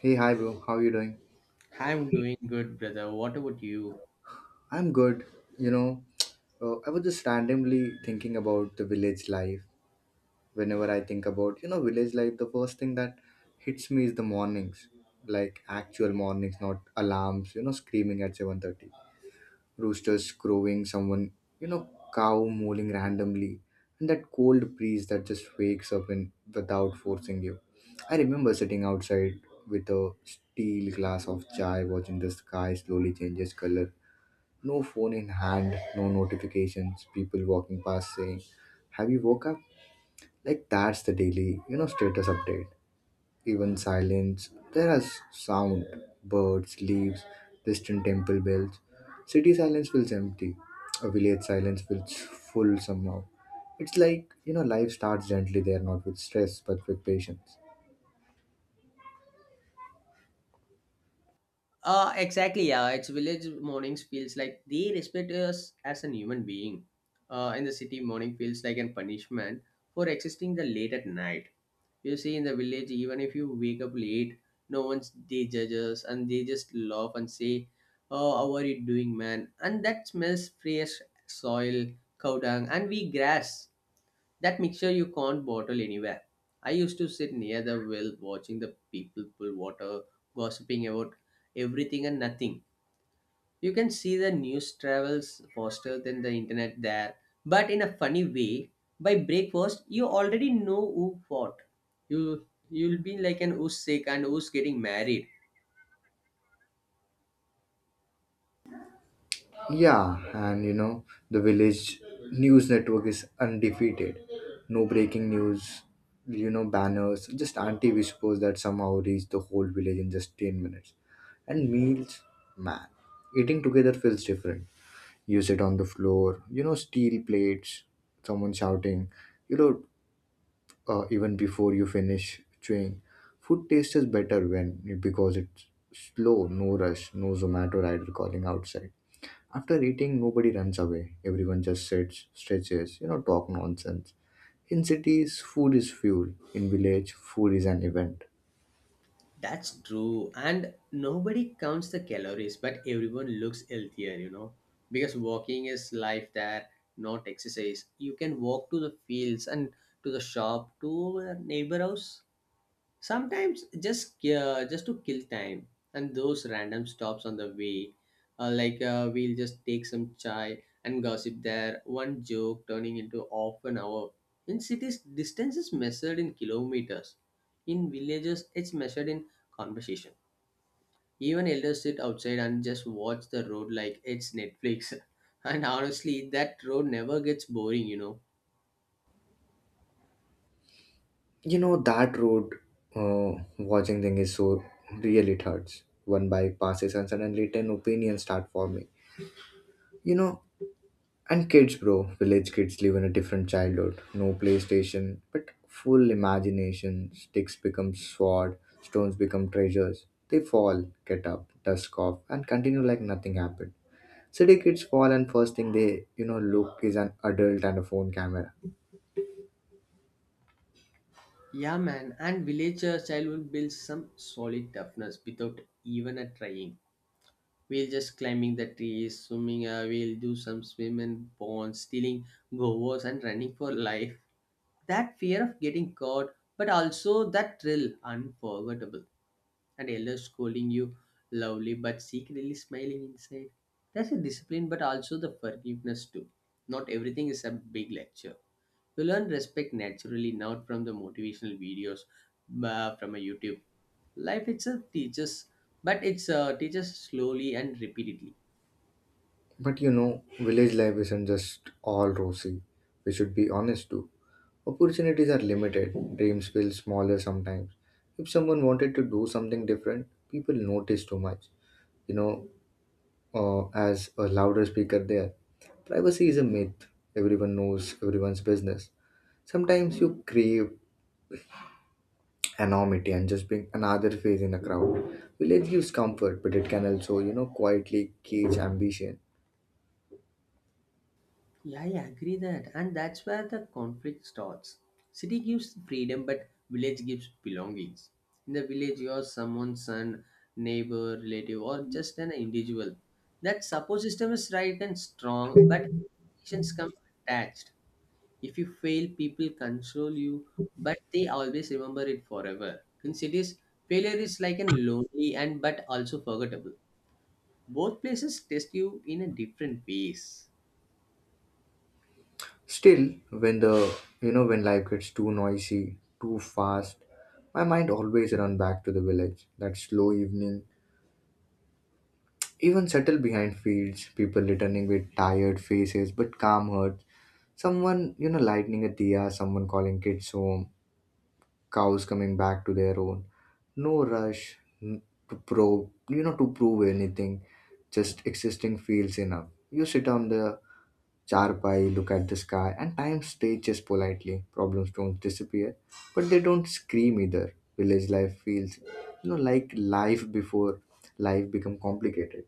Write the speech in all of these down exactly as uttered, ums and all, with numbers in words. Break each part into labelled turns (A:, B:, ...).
A: Hey, hi bro, how you doing?
B: I'm doing good, brother. What about you?
A: I'm good. You know, uh, I was just randomly thinking about the village life. Whenever I think about, you know, village life, the first thing that hits me is the mornings, like actual mornings, not alarms. You know, screaming at seven thirty, roosters crowing, someone, you know, cow mooling randomly, and that cold breeze that just wakes up in without forcing you. I remember sitting outside with a steel glass of chai, watching the sky slowly changes color. No phone in hand, no notifications, people walking past saying, "Have you woke up?" Like that's the daily, you know, status update. Even silence, there is sound, birds, leaves, distant temple bells. City silence feels empty. A village silence feels full somehow. It's like, you know, life starts gently there, not with stress, but with patience.
B: Uh, exactly. Yeah, it's village mornings feels like they respect us as an human being. Uh, in the city, morning feels like a punishment for existing the late at night. You see, in the village, even if you wake up late, no one's they judge us and they just laugh and say, "Oh, how are you doing, man?" And that smells fresh soil, cow dung, and we grass. That mixture you can't bottle anywhere. I used to sit near the well watching the people pull water, gossiping about everything and nothing. You can see the news travels faster than the internet there, but in a funny way, by breakfast you already know who fought. You you'll be like an who's sick and who's getting married.
A: Yeah, and you know, the village news network is undefeated. No breaking news, you know, banners, just anti whispers that somehow reach the whole village in just ten minutes. And meals, man, eating together feels different. You sit on the floor, you know, steel plates, someone shouting, you know, uh, even before you finish chewing. Food tastes better when because it's slow, no rush, no Zomato rider calling outside after eating, nobody runs away. Everyone just sits, stretches, you know, talk nonsense. In cities, food is fuel. In village, food is an event.
B: That's true. And nobody counts the calories, but everyone looks healthier, you know, because walking is life there, not exercise. You can walk to the fields and to the shop, to a neighbor house. Sometimes just uh, just to kill time and those random stops on the way, uh, like uh, we'll just take some chai and gossip there. One joke turning into half an hour. In cities, distance is measured in kilometers. In villages, it's measured in conversation. Even elders sit outside and just watch the road like it's Netflix. And honestly, that road never gets boring, you know.
A: You know that road uh, watching thing is so really it hurts. One bike passes and suddenly ten opinions start forming. You know. And kids, bro, village kids live in a different childhood. No PlayStation, but full imagination. Sticks become sword, stones become treasures. They fall, get up, dust off, and continue like nothing happened. City kids fall, and first thing they, you know, look is an adult and a phone camera.
B: Yeah, man, and villager child will build some solid toughness without even a trying. We'll just climbing the trees, swimming, uh, we'll do some swim and ponds, stealing govers and running for life. That fear of getting caught, but also that thrill, unforgettable. And elders scolding you lovely but secretly smiling inside. That's a discipline, but also the forgiveness too. Not everything is a big lecture. You learn respect naturally, not from the motivational videos uh, from a YouTube. Life itself teaches, but it's uh, teaches slowly and repeatedly.
A: But you know, village life isn't just all rosy. We should be honest too. Opportunities are limited, dreams feel smaller sometimes. If someone wanted to do something different, people notice too much. You know, uh, as a louder speaker there. Privacy is a myth. Everyone knows everyone's business. Sometimes you crave anonymity and just being another face in a crowd. Village gives comfort, but it can also, you know, quietly cage ambition.
B: Yeah, I agree that, and that's where the conflict starts. City gives freedom, but village gives belongings. In the village, you're someone's son, neighbor, relative, or just an individual. That support system is right and strong, but expectations come attached. If you fail, people console you, but they always remember it forever. In cities, failure is like an lonely and but also forgettable. Both places test you in a different ways.
A: Still, when the you know when life gets too noisy, too fast, my mind always run back to the village. That slow evening, even settle behind fields, people returning with tired faces but calm heart. Someone, you know, lighting a diya, someone calling kids home, cows coming back to their own. No rush n- to prove, you know, to prove anything. Just existing feels enough. You sit on the charpai, look at the sky, and time stages politely. Problems don't disappear, but they don't scream either. Village life feels, you know, like life before life become complicated.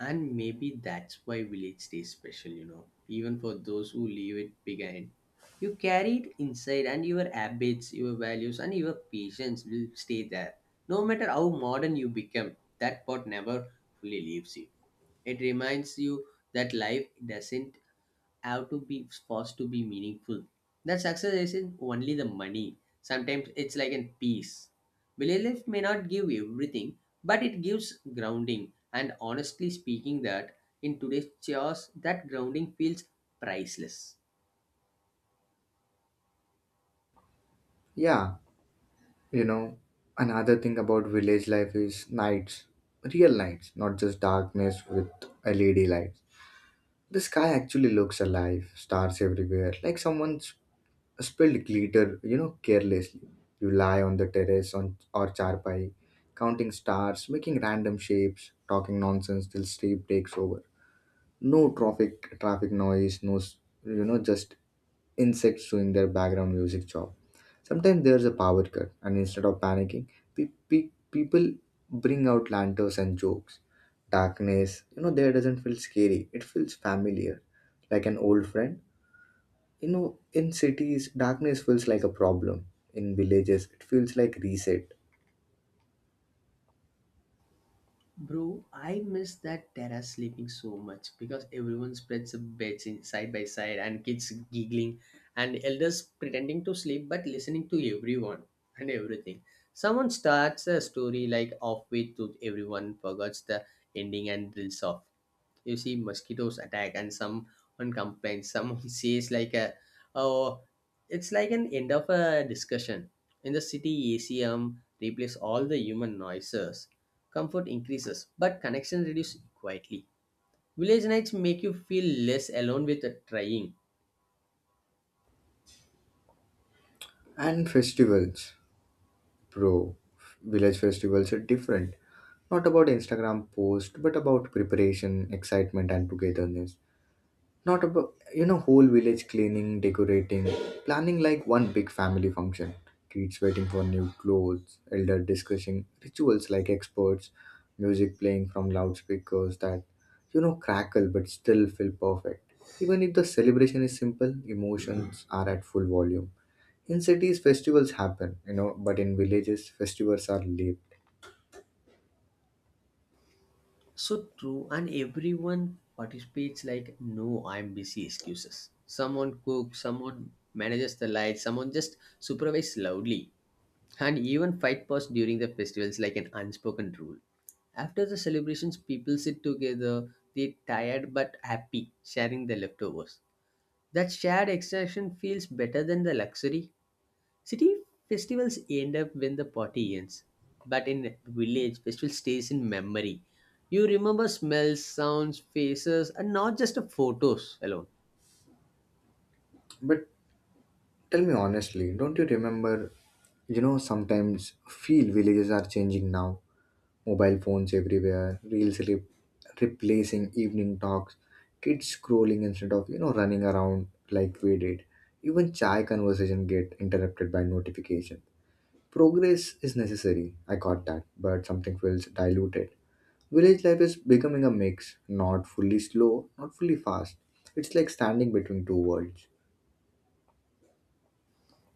B: And maybe that's why village stays special, you know, even for those who leave it behind. You carry it inside, and your habits, your values, and your patience will stay there. No matter how modern you become, that part never fully leaves you. It reminds you that life doesn't have to be forced to be meaningful. That success isn't only the money. Sometimes it's like in peace. Daily life may not give everything, but it gives grounding. And honestly speaking, that in today's chaos, that grounding feels priceless.
A: Yeah. You know, another thing about village life is nights, real nights, not just darkness with L E D lights. The sky actually looks alive, stars everywhere, like someone's spilled glitter, you know, carelessly. You lie on the terrace on or charpai, counting stars, making random shapes, talking nonsense till sleep takes over. No traffic, traffic noise, no, s- you know, just insects doing their background music job. Sometimes there's a power cut, and instead of panicking, pe- pe- people bring out lanterns and jokes. Darkness, you know, there doesn't feel scary, it feels familiar, like an old friend. You know, in cities, darkness feels like a problem, in villages, it feels like reset.
B: Bro, I miss that terrace sleeping so much because everyone spreads the beds in side by side and kids giggling and elders pretending to sleep but listening to everyone and everything. Someone starts a story like halfway through everyone forgets the ending and drills off. You see mosquitoes attack and someone complains, someone says like a oh, it's like an end of a discussion. In the city, acm replace all the human noises. Comfort increases but connection reduces quietly. Village nights make you feel less alone with the trying.
A: And festivals, bro, village festivals are different. Not about Instagram post, but about preparation, excitement, and togetherness. Not about, you know, whole village cleaning, decorating, planning like one big family function. Kids waiting for new clothes, elder discussing rituals like experts, music playing from loudspeakers that, you know, crackle but still feel perfect. Even if the celebration is simple, emotions are at full volume. In cities, festivals happen, you know, but in villages, festivals are late.
B: So true, and everyone participates like no, I'm busy excuses. Someone cooks, someone manages the lights, someone just supervises loudly. And even fight past during the festivals like an unspoken rule. After the celebrations, people sit together, they tired but happy, sharing the leftovers. That shared extraction feels better than the luxury. City festivals end up when the party ends, but in village, festival stays in memory. You remember smells, sounds, faces, and not just the photos alone.
A: But tell me honestly, don't you remember, you know, sometimes feel villages are changing now? Mobile phones everywhere, reels re- replacing evening talks, kids scrolling instead of you know running around like we did. Even chai conversation get interrupted by notification. Progress is necessary. I got that, but something feels diluted. Village life is becoming a mix, not fully slow, not fully fast. It's like standing between two worlds.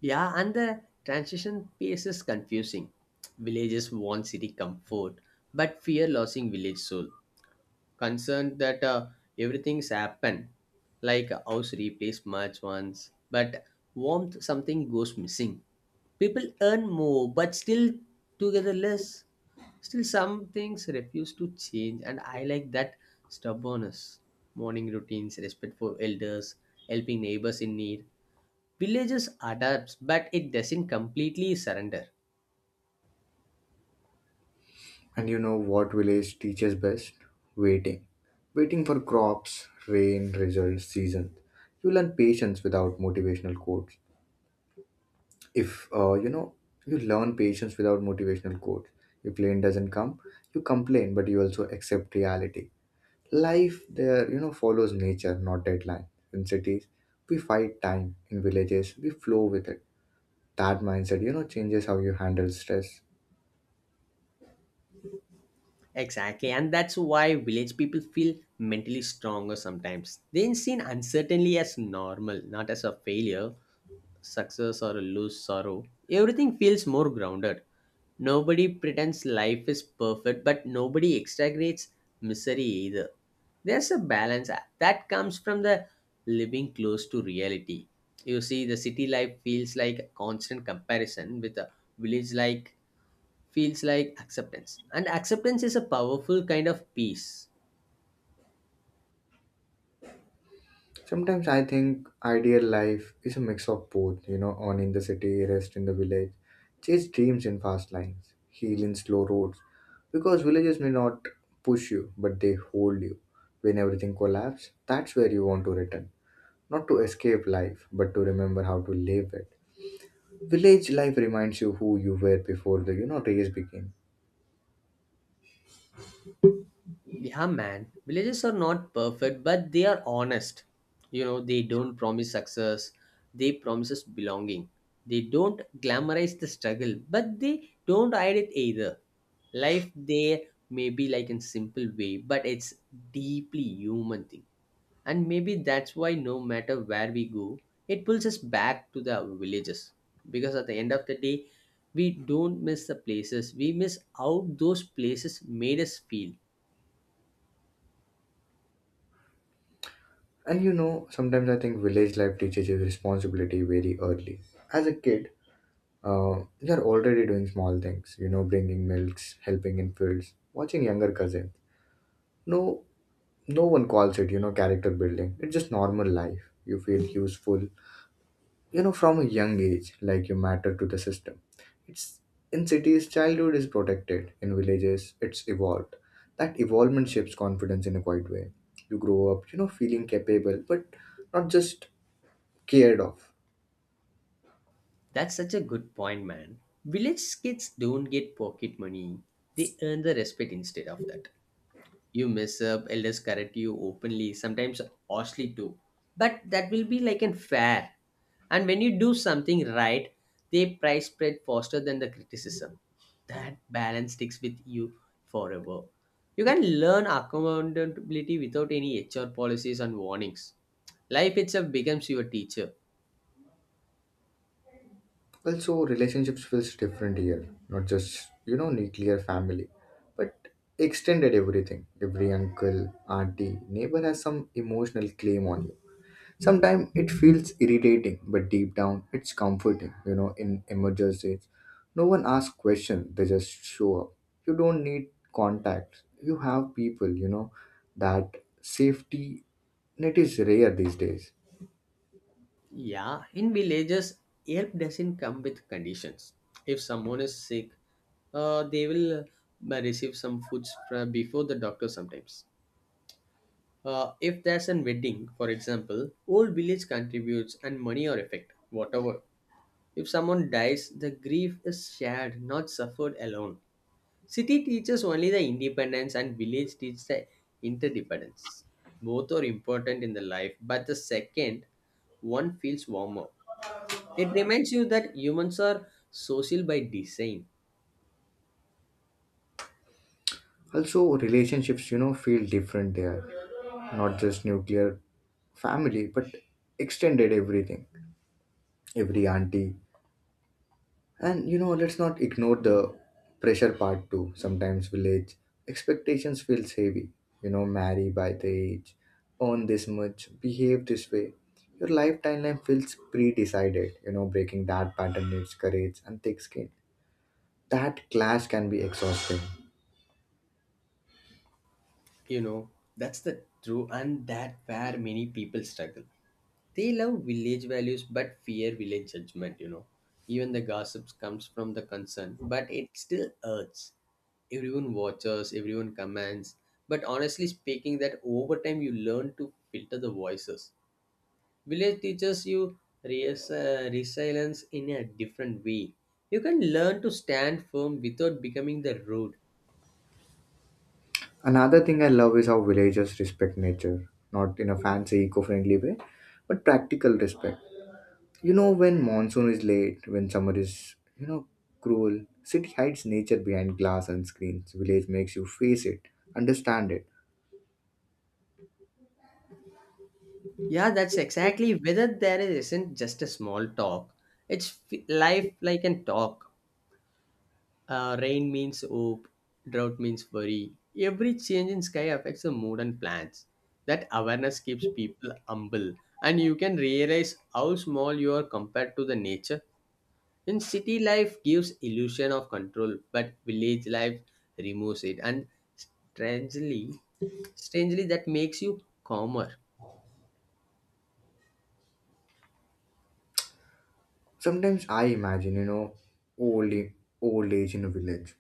B: Yeah, and the transition pace is confusing. Villages want city comfort, but fear losing village soul. Concerned that uh, everything's happened, like a house replaced much once, but warmth something goes missing. People earn more, but still together less. Still, some things refuse to change, and I like that stubbornness. Morning routines, respect for elders, helping neighbors in need. Villages adapts, but it doesn't completely surrender.
A: And you know what village teaches best? Waiting. Waiting for crops, rain, results, seasons. You learn patience without motivational quotes. If uh, you know, you learn patience without motivational quotes. Your client doesn't come, you complain, but you also accept reality. Life there, you know, follows nature, not deadline. In cities, we fight time. In villages, we flow with it. That mindset, you know, changes how you handle stress.
B: Exactly, and that's why village people feel mentally stronger sometimes. They see uncertainty as normal, not as a failure. Success or a loose sorrow, everything feels more grounded. Nobody pretends life is perfect, but nobody exaggerates misery either. There's a balance that comes from the living close to reality. You see, the city life feels like a constant comparison with a village like feels like acceptance. And acceptance is a powerful kind of peace.
A: Sometimes I think ideal life is a mix of both, you know, on in the city, rest in the village, chase dreams in fast lines, heal in slow roads. Because villages may not push you, but they hold you. When everything collapses, that's where you want to return. Not to escape life, but to remember how to live it. Village life reminds you who you were before the, you know, race began.
B: Yeah, man. Villages are not perfect, but they are honest. You know, they don't promise success, they promises belonging. They don't glamorize the struggle, but they don't hide it either. Life there may be like in simple way, but it's deeply human thing. And maybe that's why no matter where we go, it pulls us back to the villages. Because at the end of the day, we don't miss the places. We miss how those places made us feel.
A: And you know, sometimes I think village life teaches you responsibility very early. As a kid, Uh, you're already doing small things, you know, bringing milks, helping in fields, watching younger cousin. No, no one calls it, you know, character building. It's just normal life. You feel useful, you know, from a young age, like you matter to the system. It's in cities, childhood is protected. In villages, it's evolved. That evolvement shapes confidence in a quiet way. You grow up, you know, feeling capable, but not just cared of.
B: That's such a good point, man. Village kids don't get pocket money. They earn the respect instead of that. You mess up, elders correct you openly, sometimes harshly too. But that will be like an fair. And when you do something right, they prize spread faster than the criticism. That balance sticks with you forever. You can learn accountability without any H R policies and warnings. Life itself becomes your teacher.
A: Well, so relationships feels different here, not just you know nuclear family, but extended everything. Every uncle, auntie, neighbor has some emotional claim on you. Sometimes it feels irritating, but deep down it's comforting. You know, in emergencies, no one asks questions; they just show up. You don't need contacts. You have people. You know that safety net is rare these days.
B: Yeah, in villages, help doesn't come with conditions. If someone is sick, uh, they will uh, receive some foods fra- before the doctor sometimes. Uh, if there's a wedding, for example, whole village contributes and money or effect, whatever. If someone dies, the grief is shared, not suffered alone. City teaches only the independence and village teaches the interdependence. Both are important in the life, but the second one feels warmer. It reminds you that humans are social by design.
A: Also, relationships, you know, feel different there. Not just nuclear family, but extended everything, every auntie. And, you know, let's not ignore the pressure part too. Sometimes village expectations feels heavy. You know, marry by the age, earn this much, behave this way. Your life timeline feels pre-decided. You know, breaking that pattern needs courage and thick skin. That clash can be exhausting.
B: You know, that's the true and that where many people struggle. They love village values but fear village judgment, you know. Even the gossips comes from the concern, but it still hurts. Everyone watches, everyone comments, but honestly speaking that over time you learn to filter the voices. Village teaches you res- uh, resilience in a different way. You can learn to stand firm without becoming the rude.
A: Another thing I love is how villagers respect nature, not in a fancy, eco friendly way, but practical respect. You know, when monsoon is late, when summer is, you know, cruel, city hides nature behind glass and screens. Village makes you face it, understand it.
B: Yeah, that's exactly whether there isn't just a small talk. It's f- life like an talk. Uh, rain means hope, drought means worry. Every change in sky affects the mood and plans. That awareness keeps people humble, and you can realize how small you are compared to the nature. In city life gives illusion of control, but village life removes it, and strangely, strangely that makes you calmer.
A: Sometimes I imagine, you know, old, old age in a village.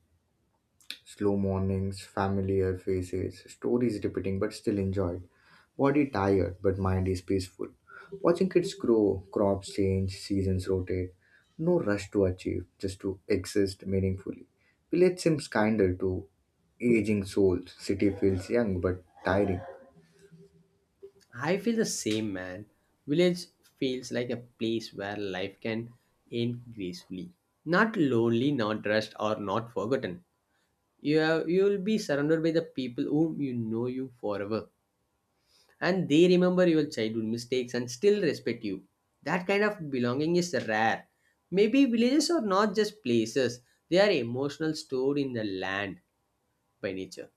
A: Slow mornings, familiar faces, stories repeating but still enjoyed. Body tired but mind is peaceful. Watching kids grow, crops change, seasons rotate. No rush to achieve, just to exist meaningfully. Village seems kinder to aging souls. City feels young but tiring.
B: I feel the same, man. Village feels like a place where life can end gracefully. Not lonely, not rushed, or not forgotten. You have, you will be surrounded by the people whom you know you forever, and they remember your childhood mistakes and still respect you. That kind of belonging is rare. Maybe villages are not just places; they are emotional stored in the land by nature.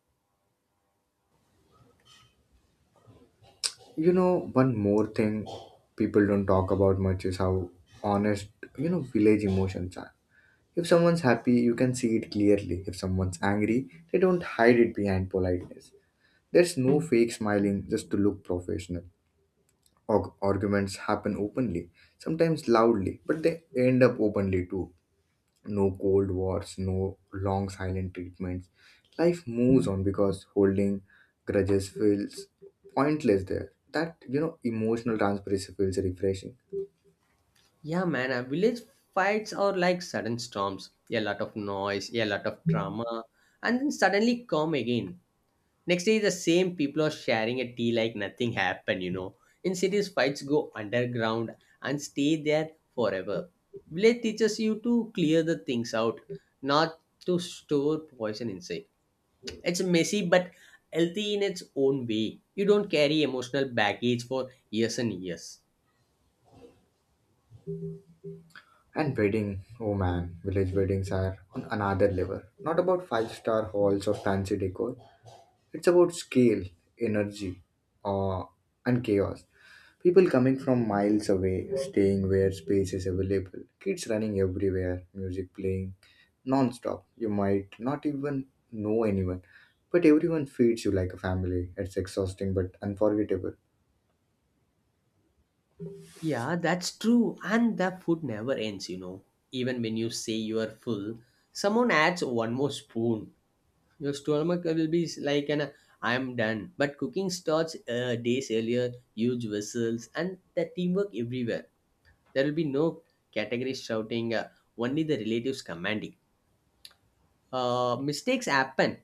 A: You know, one more thing people don't talk about much is how honest, you know, village emotions are. If someone's happy, you can see it clearly. If someone's angry, they don't hide it behind politeness. There's no fake smiling just to look professional. Arg- arguments happen openly, sometimes loudly, but they end up openly too. No cold wars, no long silent treatments. Life moves on because holding grudges feels pointless there. That, you know, emotional transparency feels refreshing.
B: Yeah, man, uh, village fights are like sudden storms. A lot of noise, a lot of drama, and then suddenly calm again. Next day, the same people are sharing a tea like nothing happened, you know. In cities, fights go underground and stay there forever. Village teaches you to clear the things out, not to store poison inside. It's messy but healthy in its own way. You don't carry emotional baggage for years and years.
A: And wedding, oh man, village weddings are on another level. Not about five star halls or fancy decor. It's about scale, energy, uh, and chaos. People coming from miles away, staying where space is available, kids running everywhere, music playing non-stop. You might not even know anyone, but everyone feeds you like a family. It's exhausting but unforgettable.
B: Yeah, that's true. And the food never ends, you know. Even when you say you are full, someone adds one more spoon. Your stomach will be like an I'm done. But cooking starts uh, days earlier, huge whistles, and the teamwork everywhere. There will be no category shouting, uh, only the relatives commanding. Uh, mistakes happen.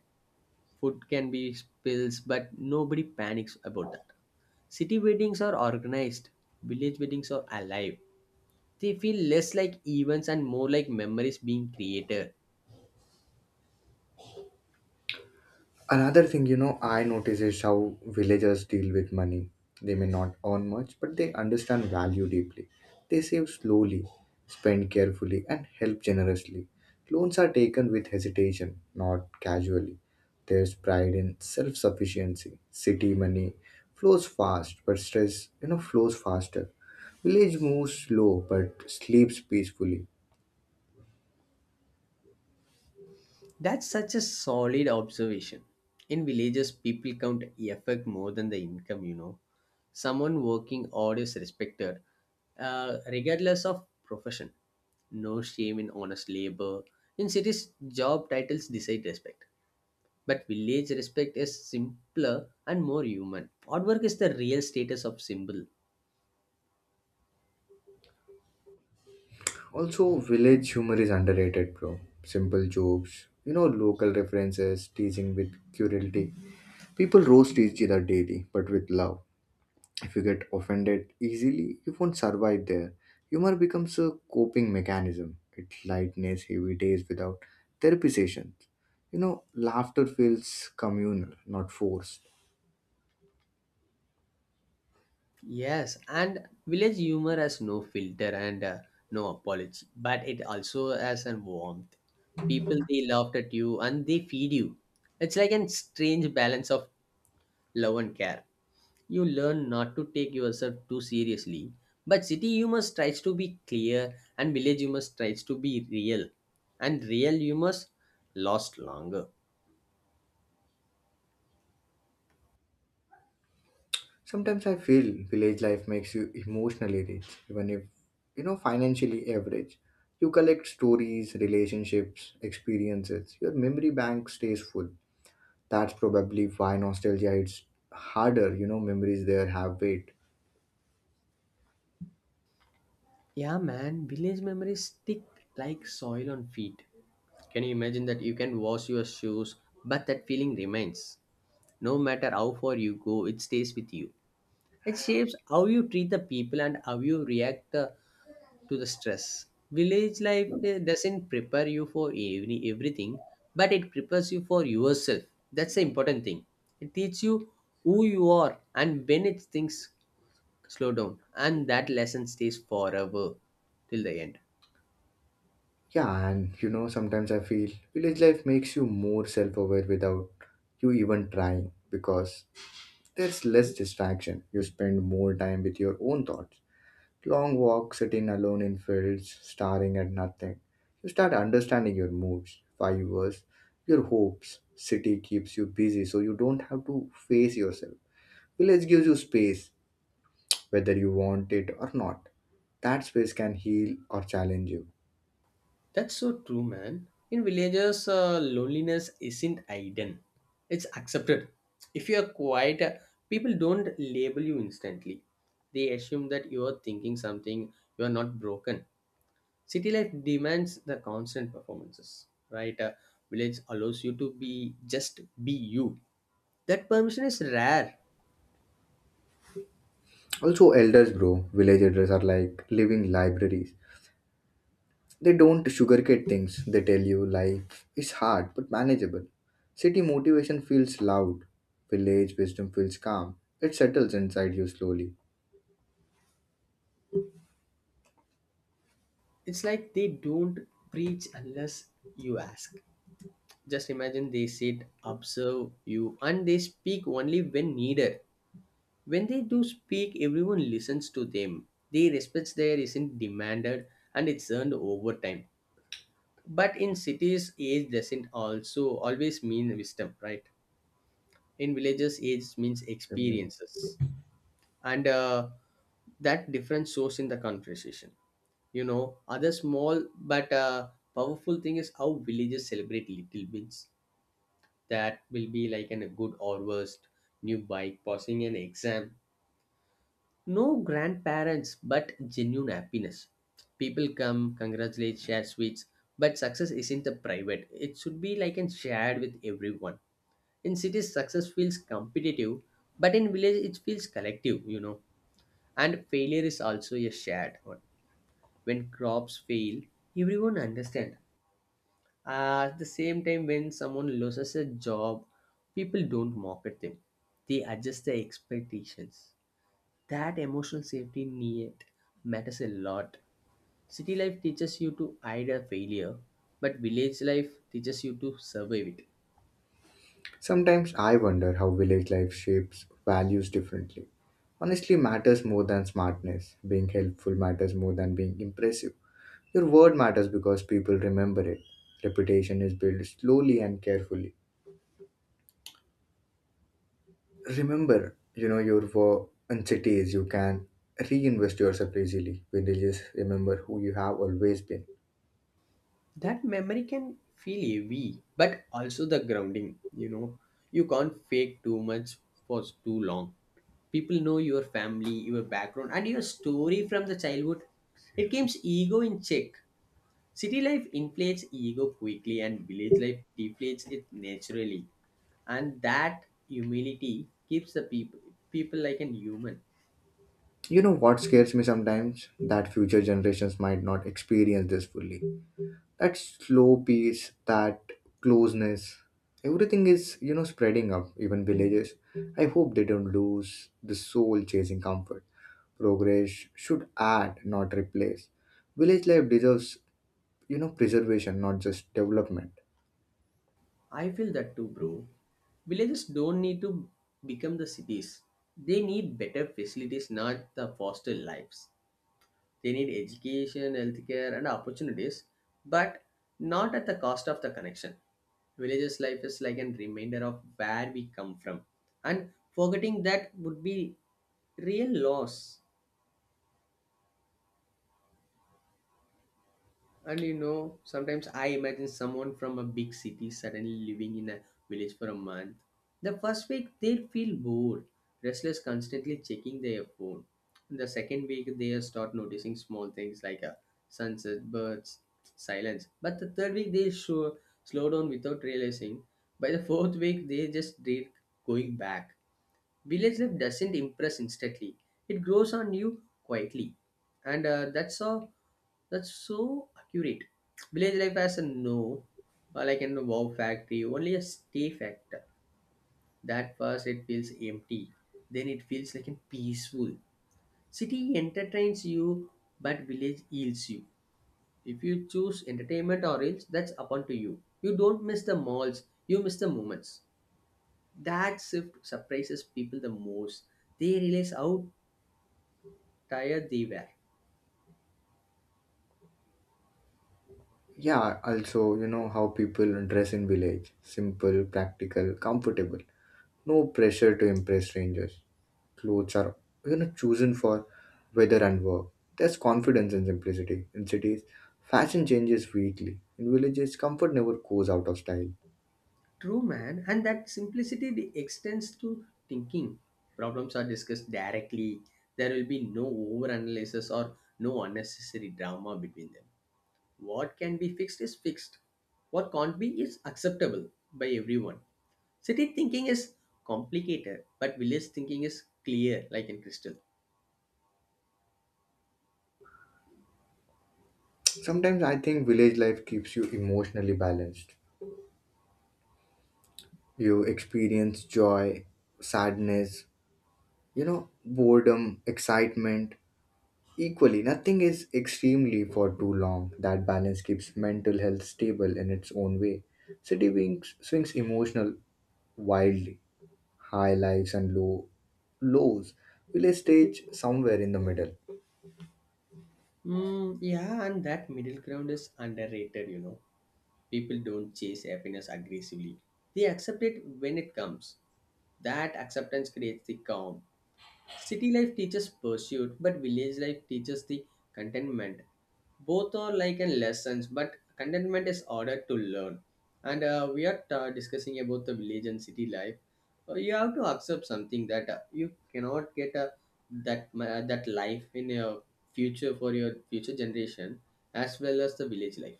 B: Food can be spills, but nobody panics about that. City weddings are organized, village weddings are alive. They feel less like events and more like memories being created.
A: Another thing, you know, I notice is how villagers deal with money. They may not earn much, but they understand value deeply. They save slowly, spend carefully, and help generously. Loans are taken with hesitation, not casually. There's pride in self sufficiency. City money flows fast, but stress, you know, flows faster. Village moves slow, but sleeps peacefully.
B: That's such a solid observation. In villages, people count effort more than the income, you know. Someone working hard is respected, uh, regardless of profession. No shame in honest labor. In cities, job titles decide respect. But village respect is simpler and more human. Hard work is the real status of symbol.
A: Also, village humor is underrated, bro. Simple jokes, you know, local references, teasing with cruelty. People roast each other daily, but with love. If you get offended easily, you won't survive there. Humor becomes a coping mechanism. It lightens heavy days without therapy sessions. You know, laughter feels communal, not forced.
B: Yes, and village humor has no filter and uh, no apology, but it also has a warmth. People they laughed at you and they feed you. It's like a strange balance of love and care. You learn not to take yourself too seriously, but city humor tries to be clear and village humor tries to be real, and real humor lasts longer.
A: Sometimes I feel village life makes you emotionally rich, even if, you know, financially average. You collect stories, relationships, experiences. Your memory bank stays full. That's probably why nostalgia its harder, you know, memories there have weight.
B: Yeah, man, village memories stick like soil on feet. Can you imagine that you can wash your shoes, but that feeling remains? No matter how far you go, it stays with you. It shapes how you treat the people and how you react uh, to the stress. Village life uh, doesn't prepare you for every, everything, but it prepares you for yourself. That's the important thing. It teaches you who you are and when it things slow down, and that lesson stays forever till the end.
A: Yeah, and you know, sometimes I feel village life makes you more self aware without you even trying because there's less distraction. You spend more time with your own thoughts. Long walk sitting alone in fields, staring at nothing. You start understanding your moods, fibers, your hopes. City keeps you busy so you don't have to face yourself. Village gives you space, whether you want it or not. That space can heal or challenge you.
B: That's so true, man. In villages, uh, loneliness isn't hidden, it's accepted. If you are quiet, uh, people don't label you instantly. They assume that you are thinking something, you are not broken. City life demands the constant performances, right? Uh, village allows you to be just be you. That permission is rare.
A: Also, elders, bro. Village elders are like living libraries. They don't sugarcoat things. They tell you life is hard but manageable. City motivation feels loud. Village wisdom feels calm. It settles inside you slowly.
B: It's like they don't preach unless you ask. Just imagine they sit, observe you, and they speak only when needed. When they do speak, everyone listens to them. They respect there isn't demanded and it's earned over time. But in cities, age doesn't also always mean wisdom, right? In villages, age means
A: I mean,
B: experiences. And uh, that difference shows in the conversation. You know, other small but uh, powerful thing is how villages celebrate little wins. That will be like an, a good or worst new bike, passing an exam. No grandparents, but genuine happiness. People come, congratulate, share sweets, but success isn't a private. It should be like and shared with everyone. In cities, success feels competitive, but in village, it feels collective, you know. And failure is also a shared one. When crops fail, everyone understand. Uh, at the same time, when someone loses a job, people don't mock at them. They adjust their expectations. That emotional safety net matters a lot. City life teaches you to hide a failure, but village life teaches you to survive it.
A: sometimes I wonder how village life shapes values differently. Honestly matters more than smartness. Being helpful matters more than being impressive. Your word matters because people remember it. Reputation is built slowly and carefully. Remember you know your wo- anxieties you can reinvest yourself easily when you just remember who you have always been.
B: That memory can feel heavy, but also the grounding. You know, you can't fake too much for too long. People know your family, your background, and your story from the childhood. It keeps ego in check. City life inflates ego quickly, and village life deflates it naturally. And that humility keeps the people people like an human.
A: You know what scares me sometimes that future generations might not experience this fully, that slow pace, that closeness. Everything is you know spreading up even villages. I hope they don't lose the soul chasing comfort. Progress should add, not replace. Village life deserves, you know preservation, not just development.
B: I feel that too, bro. Villages don't need to become the cities. They need better facilities, not the foster lives. They need education, healthcare, and opportunities. But not at the cost of the connection. Villages life is like an reminder of where we come from, and forgetting that would be real loss. And you know, sometimes I imagine someone from a big city suddenly living in a village for a month. The first week they'll feel bored, restless, constantly checking their phone. The second week they'll start noticing small things like a sunset, birds, silence. But the third week they'll sure slow down without realizing. By the fourth week they just dread going back. Village life doesn't impress instantly; it grows on you quietly, and uh, that's a that's so accurate. Village life has a no, uh, like in a wow factory, only a stay factor. That first it feels empty, then it feels like a peaceful. City entertains you, but village heals you. If you choose entertainment or else, that's upon to you. You don't miss the malls, you miss the moments. That shift surprises people the most. They realize how tired they were.
A: Yeah, also, you know how people dress in village. Simple, practical, comfortable. No pressure to impress strangers. Clothes are, you know, chosen for weather and work. There's confidence in simplicity. In cities, fashion changes weekly. In villages, comfort never goes out of style.
B: True, man, and that simplicity they extends to thinking. Problems are discussed directly. There will be no overanalysis or no unnecessary drama between them. What can be fixed is fixed. What can't be is acceptable by everyone. City thinking is complicated, but village thinking is clear, like in crystal.
A: Sometimes I think village life keeps you emotionally balanced. You experience joy, sadness, you know, boredom, excitement, equally, nothing is extremely for too long. That balance keeps mental health stable in its own way. City wings swings emotional wildly, high lives and low lows. Village stage somewhere in the middle.
B: Mm, yeah, and that middle ground is underrated, you know. People don't chase happiness aggressively. They accept it when it comes. That acceptance creates the calm. City life teaches pursuit, but village life teaches the contentment. Both are like in lessons, but contentment is harder to learn. And uh, we are uh, discussing about the village and city life. Uh, you have to accept something that uh, you cannot get uh, that ma- uh, that life in your future for your future generation as well as the village life.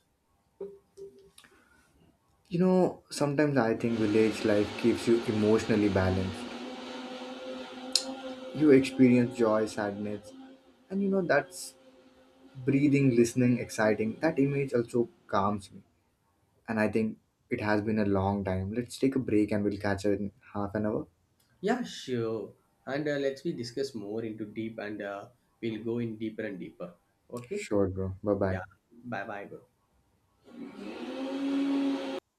A: You know, sometimes I think village life keeps you emotionally balanced. You experience joy, sadness, and you know that's breathing, listening, exciting. That image also calms me. And I think it has been a long time. Let's take a break and we'll catch up in half an hour.
B: Yeah, sure. And uh, let's we discuss more into deep, and uh, we'll go in deeper and deeper. Okay.
A: Sure, bro. Bye bye.
B: Yeah. Bye bye, bro.